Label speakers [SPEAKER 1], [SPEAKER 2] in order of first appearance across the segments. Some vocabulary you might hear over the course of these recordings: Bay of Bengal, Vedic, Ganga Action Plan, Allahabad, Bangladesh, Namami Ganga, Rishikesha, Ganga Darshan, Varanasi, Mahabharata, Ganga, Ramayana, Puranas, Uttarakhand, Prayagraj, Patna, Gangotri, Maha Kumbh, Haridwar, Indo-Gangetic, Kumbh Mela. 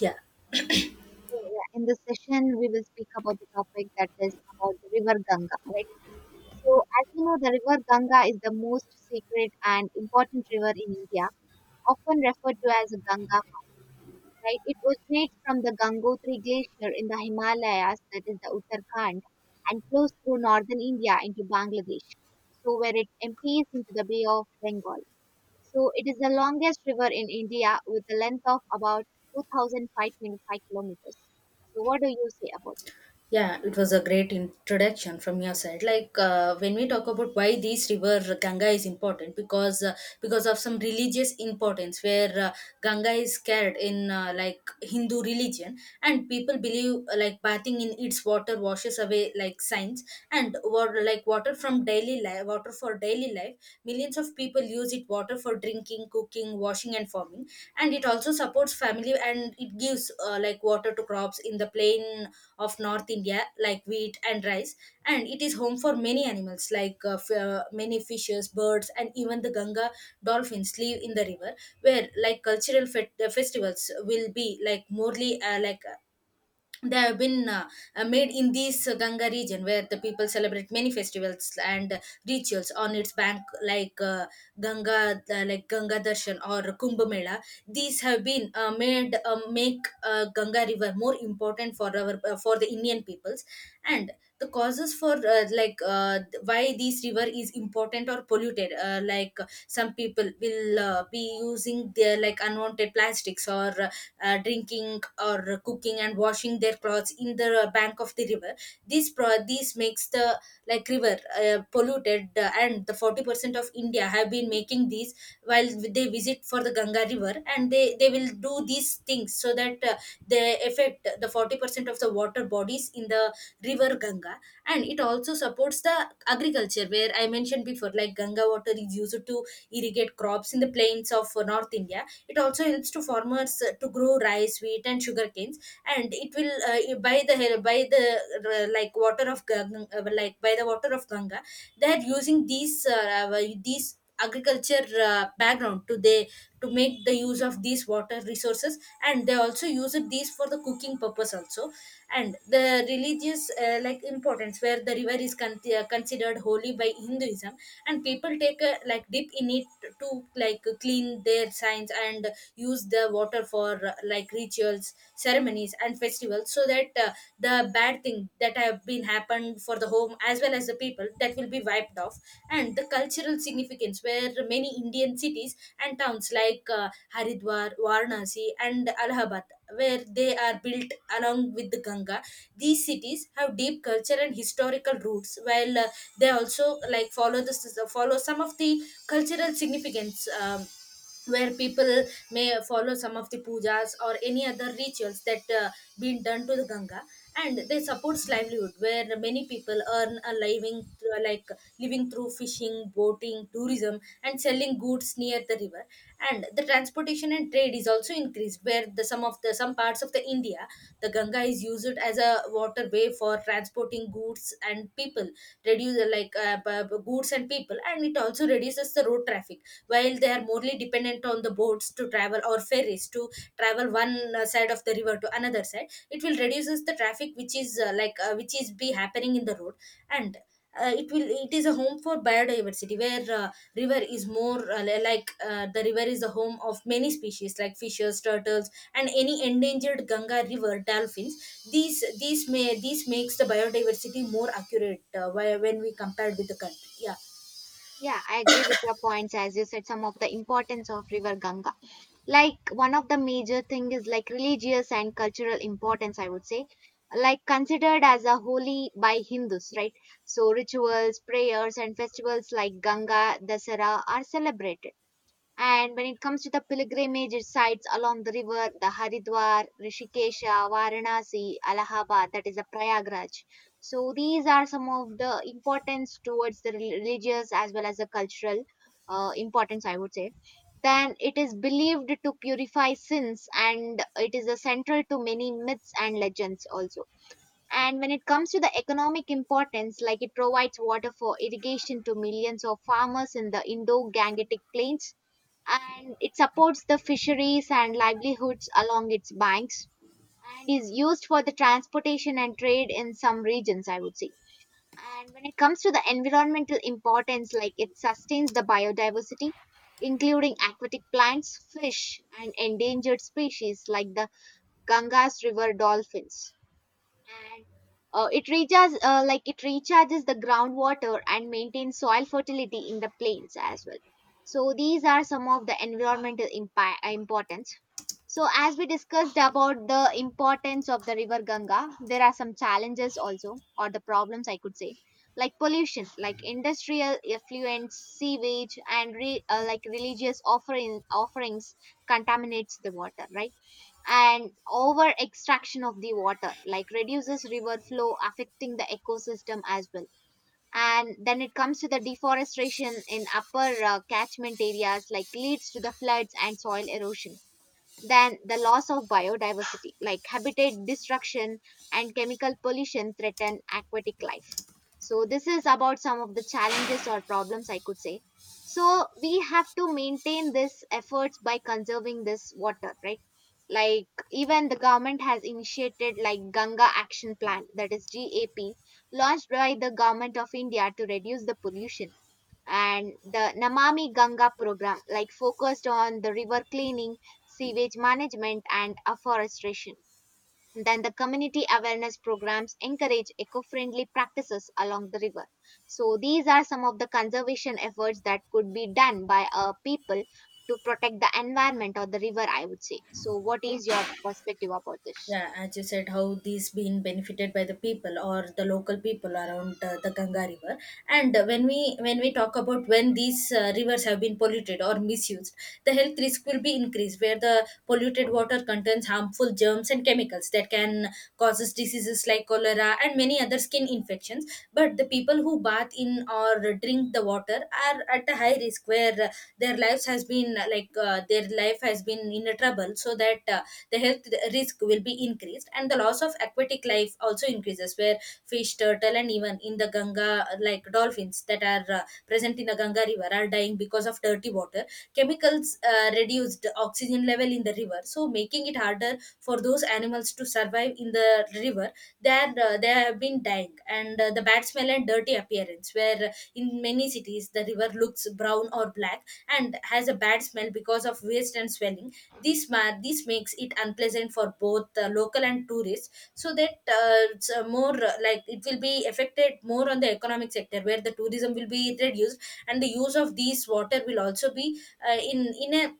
[SPEAKER 1] Yeah,
[SPEAKER 2] So yeah, in this session, we will speak about the topic that is about the river Ganga, right? So as you know, the river Ganga is the most sacred and important river in India, often referred to as a Ganga, right? It originates from the Gangotri glacier in the Himalayas, that is the Uttarakhand, and flows through northern India into Bangladesh. So where it empties into the Bay of Bengal. So it is the longest river in India with a length of about 2,525 kilometers. So what do you say about this?
[SPEAKER 1] yeah, it was a great introduction from your side. Like when we talk about why this river Ganga is important, because of some religious importance, where Ganga is carried in like Hindu religion, and people believe like bathing in its water washes away like sins, and water like water from daily life, water for daily life. Millions of people use it water for drinking, cooking, washing, and farming. And it also supports family, and it gives like water to crops in the plain of north india, like wheat and rice. And it is home for many animals, like many fishes, birds, and even the ganga dolphins live in the river, where like cultural festivals will be like morely, like they have been made in this Ganga region, where the people celebrate many festivals and rituals on its bank, like Ganga Darshan or Kumbh Mela. These have been made make Ganga river more important for our for the Indian peoples. And the causes for like why this river is important or polluted, like some people will be using their like unwanted plastics, or drinking, or cooking and washing their clothes in the bank of the river. This makes the like river polluted, and the 40% of india have been making these while they visit for the ganga river, and they will do these things, so that they affect the 40% of the water bodies in the river ganga. And it also supports the agriculture, where I mentioned before, like ganga water is used to irrigate crops in the plains of north india. It also helps to farmers to grow rice, wheat, and sugar canes. And it will by the like by the water of ganga, they are using these agriculture background, to make the use of these water resources. And they also use it these for the cooking purpose also. And the religious like importance, where the river is considered holy by hinduism, and people take a like dip in it to like clean their signs and use the water for like rituals, ceremonies, and festivals, so that the bad thing that have been happened for the home, as well as the people, that will be wiped off. And the cultural significance, where many indian cities and towns, like haridwar, varanasi, and allahabad, where they are built along with the ganga. These cities have deep culture and historical roots, while they also like follow some of the cultural significance, where people may follow some of the pujas or any other rituals that been done to the ganga. And they supports livelihood, where many people earn a living through fishing, boating, tourism, and selling goods near the river. And the transportation and trade is also increased, where the some parts of the india, the ganga is used as a waterway for transporting goods and people. Reduce goods and people, and it also reduces the road traffic, while they are morely dependent on the boats to travel, or ferries to travel one side of the river to another side. It will reduces the traffic, which is which is be happening in the road. And it is a home for biodiversity, where river is more like the river is the home of many species, like fishes, turtles, and any endangered ganga river dolphins. These makes the biodiversity more accurate, when we compared with the country. Yeah.
[SPEAKER 2] Yeah, I agree with your points as you said some of the importance of River Ganga. Like one of the major thing is like religious and cultural importance, I would say. Like considered as a holy by Hindus, right? So rituals, prayers and festivals like Ganga, Dasara are celebrated. And when it comes to the pilgrimage sites along the river, the Haridwar, Rishikesha, Varanasi, Allahabad, that is the Prayagraj. So these are some of the importance towards the religious as well as the cultural importance, I would say. Then it is believed to purify sins and it is a central to many myths and legends also. And when it comes to the economic importance, like it provides water for irrigation to millions of farmers in the Indo-Gangetic plains, and it supports the fisheries and livelihoods along its banks, and is used for the transportation and trade in some regions, I would say. And when it comes to the environmental importance, like it sustains the biodiversity, including aquatic plants, fish and endangered species like the Ganges river dolphins. And it recharges the groundwater and maintains soil fertility in the plains as well. So these are some of the environmental importance. So as we discussed about the importance of the river Ganga, there are some challenges also or the problems, I could say. Like pollution, like industrial effluents, sewage and religious offerings contaminates the water, right? And over extraction of the water like reduces river flow, affecting the ecosystem as well. And then it comes to the deforestation in upper catchment areas, like leads to the floods and soil erosion. Then the loss of biodiversity, like habitat destruction and chemical pollution, threaten aquatic life. So, this is about some of the challenges or problems, I could say. So, we have to maintain this efforts by conserving this water, right? Like, even the government has initiated like Ganga Action Plan, that is GAP, launched by the government of India to reduce the pollution, and the Namami Ganga program, like focused on the river cleaning, sewage management, and afforestation. Then the community awareness programs encourage eco-friendly practices along the river. So these are some of the conservation efforts that could be done by people to protect the environment or the river, I would say. So what is your perspective about this?
[SPEAKER 1] Yeah, as you said, how these been benefited by the people, or the local people around the Ganga River. And when we talk about when these rivers have been polluted or misused, the health risk will be increased, where the polluted water contains harmful germs and chemicals that can causes diseases like cholera and many other skin infections. But the people who bath in or drink the water are at a high risk families, where their life has been in a trouble, so that the health risk will be increased. And the loss of aquatic life also increases, where fish, turtle, and even in the ganga like dolphins that are present in the ganga river are dying because of dirty water. Chemicals reduced oxygen level in the river, so making it harder for those animals to survive in the river. They where they have been dying. And the bad smell and dirty appearance, where in many cities the river looks brown or black, and has a bad smell because of waste and swelling. This makes it unpleasant for both local and tourists, so that it's more, like, it will be affected more on the economic sector, where the tourism will be reduced, and the use of these water will also be uh, in in a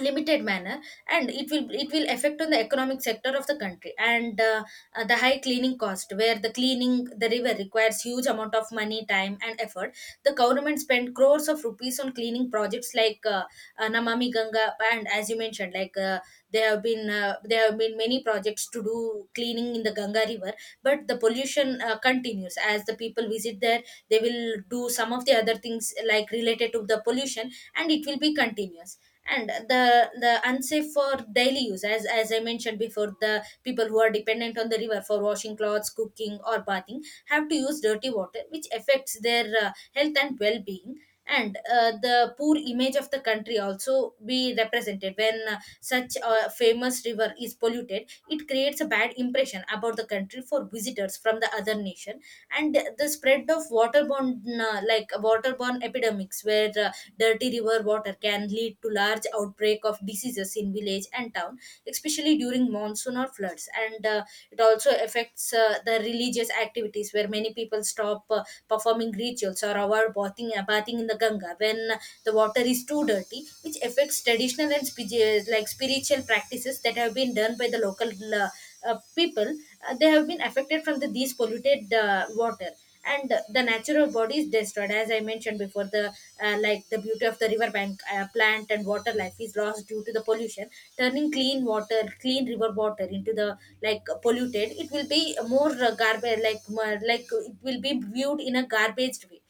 [SPEAKER 1] limited manner. And it will affect on the economic sector of the country. And the high cleaning cost, where the cleaning the river requires huge amount of money, time, and effort. The government spent crores of rupees on cleaning projects, like namami ganga. And as you mentioned, like there have been many projects to do cleaning in the ganga river, but the pollution continues as the people visit there. They will do some of the other things like related to the pollution, and it will be continuous. And the unsafe for daily use, as I mentioned before, the people who are dependent on the river for washing clothes, cooking, or bathing, have to use dirty water, which affects their health and well-being. And the poor image of the country also be represented. When such a famous river is polluted, it creates a bad impression about the country for visitors from the other nation. And the spread of waterborne, waterborne epidemics, where dirty river water can lead to large outbreak of diseases in village and town, especially during monsoon or floods. And it also affects the religious activities, where many people stop performing rituals or avoid bathing in the ganga when the water is too dirty, which affects traditional and spiritual practices that have been done by the local uh, people. They have been affected from these polluted water. And the natural body is destroyed, as I mentioned before. The like the beauty of the riverbank, plant, and water life is lost due to the pollution, turning clean river water into the like polluted. It will be more garbage, like like, it will be viewed in a garbage way.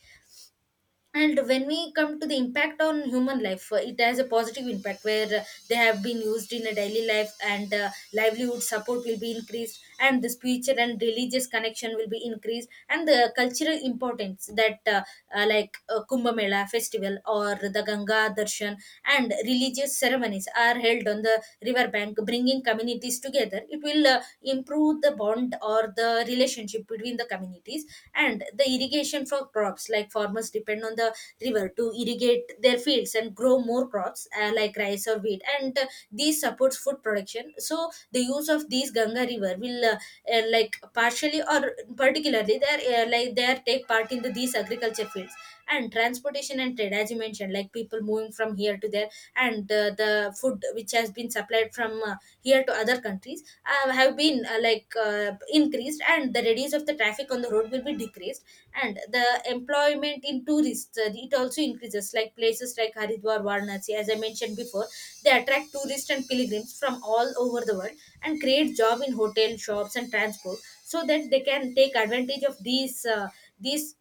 [SPEAKER 1] And when we come to the impact on human life, it has a positive impact, where they have been used in a daily life, and livelihood support will be increased, and the spiritual and religious connection will be increased, and the cultural importance, that like kumbh mela festival or the ganga darshan and religious ceremonies are held on the river bank, bringing communities together. It will improve the bond or the relationship between the communities. And the irrigation for crops, like farmers depend on the river to irrigate their fields and grow more crops, like rice or wheat. And these supports food production, so the use of these ganga river will, like partially or particularly, they are, take part in these agriculture fields. And transportation and trade, as you mentioned, like people moving from here to there. And the food which has been supplied from here to other countries have been increased, and the radius of the traffic on the road will be decreased. And the employment in tourists, it also increases, like places like haridwar, varanasi, as I mentioned before, they attract tourists and pilgrims from all over the world, and create job in hotel, shops, and transport, so that they can take advantage of these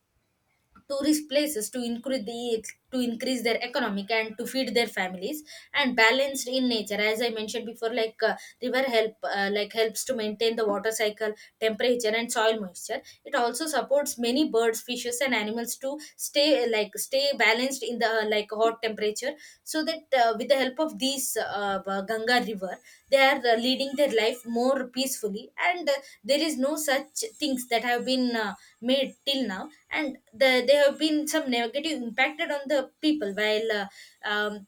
[SPEAKER 1] tourist places to increase their economic, and to feed their families. And balanced in nature, as I mentioned before, like river helps to maintain the water cycle, temperature, and soil moisture. It also supports many birds, fishes, and animals to stay balanced in the like hot temperature, so that with the help of these ganga river, they are leading their life more peacefully. And there is no such things that have been made till now. And they have been some negative impacted on the people, while um,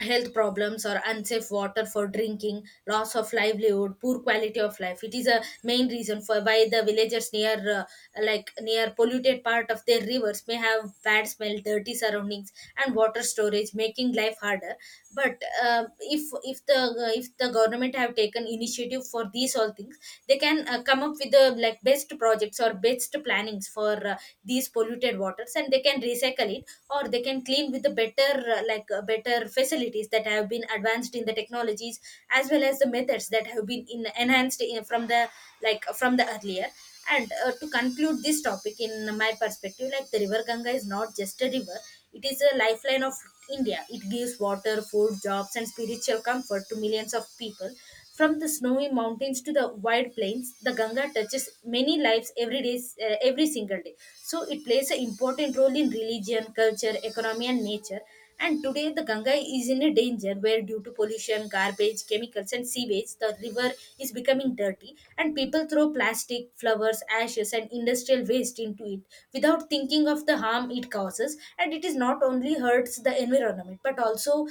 [SPEAKER 1] health problems, or unsafe water for drinking, loss of livelihood, poor quality of life. It is a main reason for why the villagers near near polluted part of their rivers may have bad smell, dirty surroundings, and water storage, making life harder. But if the government have taken initiative for these all things, they can come up with the like best projects or best plannings for these polluted waters, and they can recycle it, or they can clean with the better facilities that have been advanced in the technologies, as well as the methods that have been enhanced, from the earlier. And to conclude this topic in my perspective, like the river ganga is not just a river, it is a lifeline of india. It gives water, food, jobs, and spiritual comfort to millions of people. From the snowy mountains to the wide plains, the ganga touches many lives every day, every single day. So it plays an important role in religion, culture, economy, and nature. And today, the Ganga is in a danger, where due to pollution, garbage, chemicals, and sewage, the river is becoming dirty, and people throw plastic, flowers, ashes, and industrial waste into it without thinking of the harm it causes. And it is not only hurts the environment, but also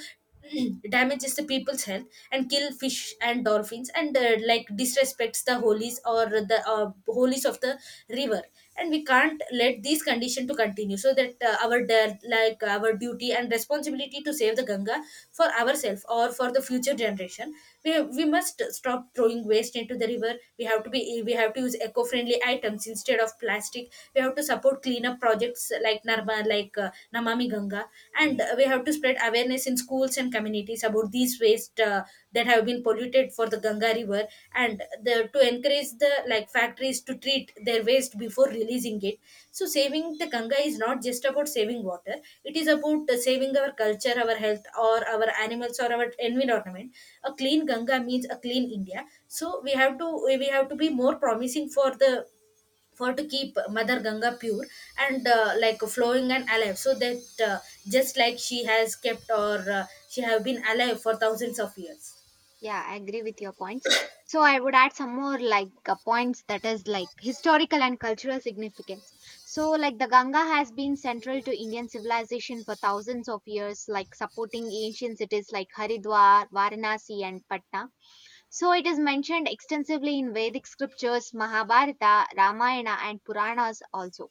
[SPEAKER 1] damages the people's health, and kill fish and dolphins, and like disrespects the holies, or the holies of the river. And we can't let these conditions to continue, so that our de- like our duty and responsibility to save the ganga for ourselves, or for the future generation. We must stop throwing waste into the river. We have to use eco-friendly items instead of plastic. We have to support cleanup projects like namami ganga, and we have to spread awareness in schools and communities about these waste that have been polluted for the ganga river, and the to encourage the like factories to treat their waste before releasing it. So saving the ganga is not just about saving water, it is about saving our culture, our health, or our animals, or our environment. A clean ganga means a clean india. So we have to be more promising for to keep mother ganga pure, and like flowing and alive, so that just like she has kept or uh, she have been alive for thousands of years.
[SPEAKER 2] Yeah, I agree with your points. So I would add some more like points, that is like historical and cultural significance. So like the Ganga has been central to Indian civilization for thousands of years, like supporting ancient cities like Haridwar, Varanasi, and Patna. So it is mentioned extensively in Vedic scriptures, Mahabharata, Ramayana, and Puranas also.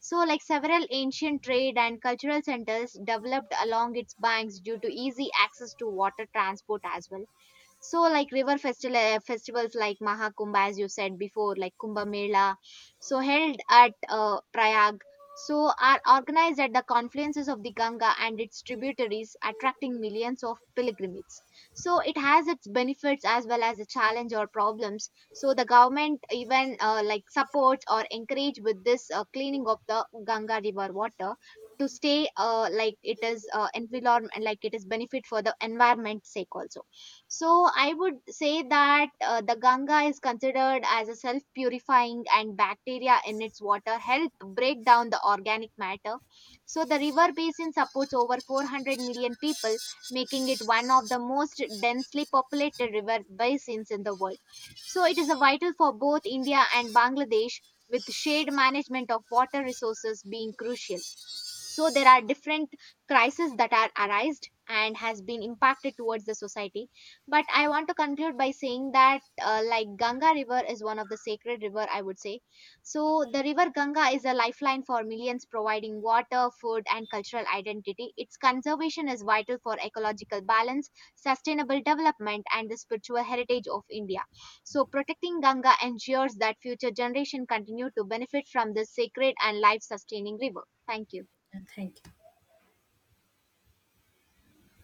[SPEAKER 2] So like several ancient trade and cultural centers developed along its banks due to easy access to water transport as well. So, like river festivals like Maha Kumbh, as you said before, like Kumbh Mela, so held at Prayag, so are organized at the confluences of the Ganga and its tributaries, attracting millions of pilgrims. So, it has its benefits as well as the challenge or problems. So, the government even like supports or encourage with this cleaning of the Ganga river water to stay like it is environment, like it is benefit for the environment sake also. So I would say that the Ganga is considered as a self purifying, and bacteria in its water help break down the organic matter. So the river basin supports over 400 million people, making it one of the most densely populated river basins in the world. So it is a vital for both India and Bangladesh, with shared management of water resources being crucial. So there are different crises that are arised and has been impacted towards the society, but I want to conclude by saying that like Ganga river is one of the sacred river, I would say. So the river Ganga is a lifeline for millions, providing water, food and cultural identity. Its conservation is vital for ecological balance, sustainable development and the spiritual heritage of India. So protecting Ganga ensures that future generation continue to benefit from this sacred and life sustaining river. Thank you.
[SPEAKER 1] And thank you.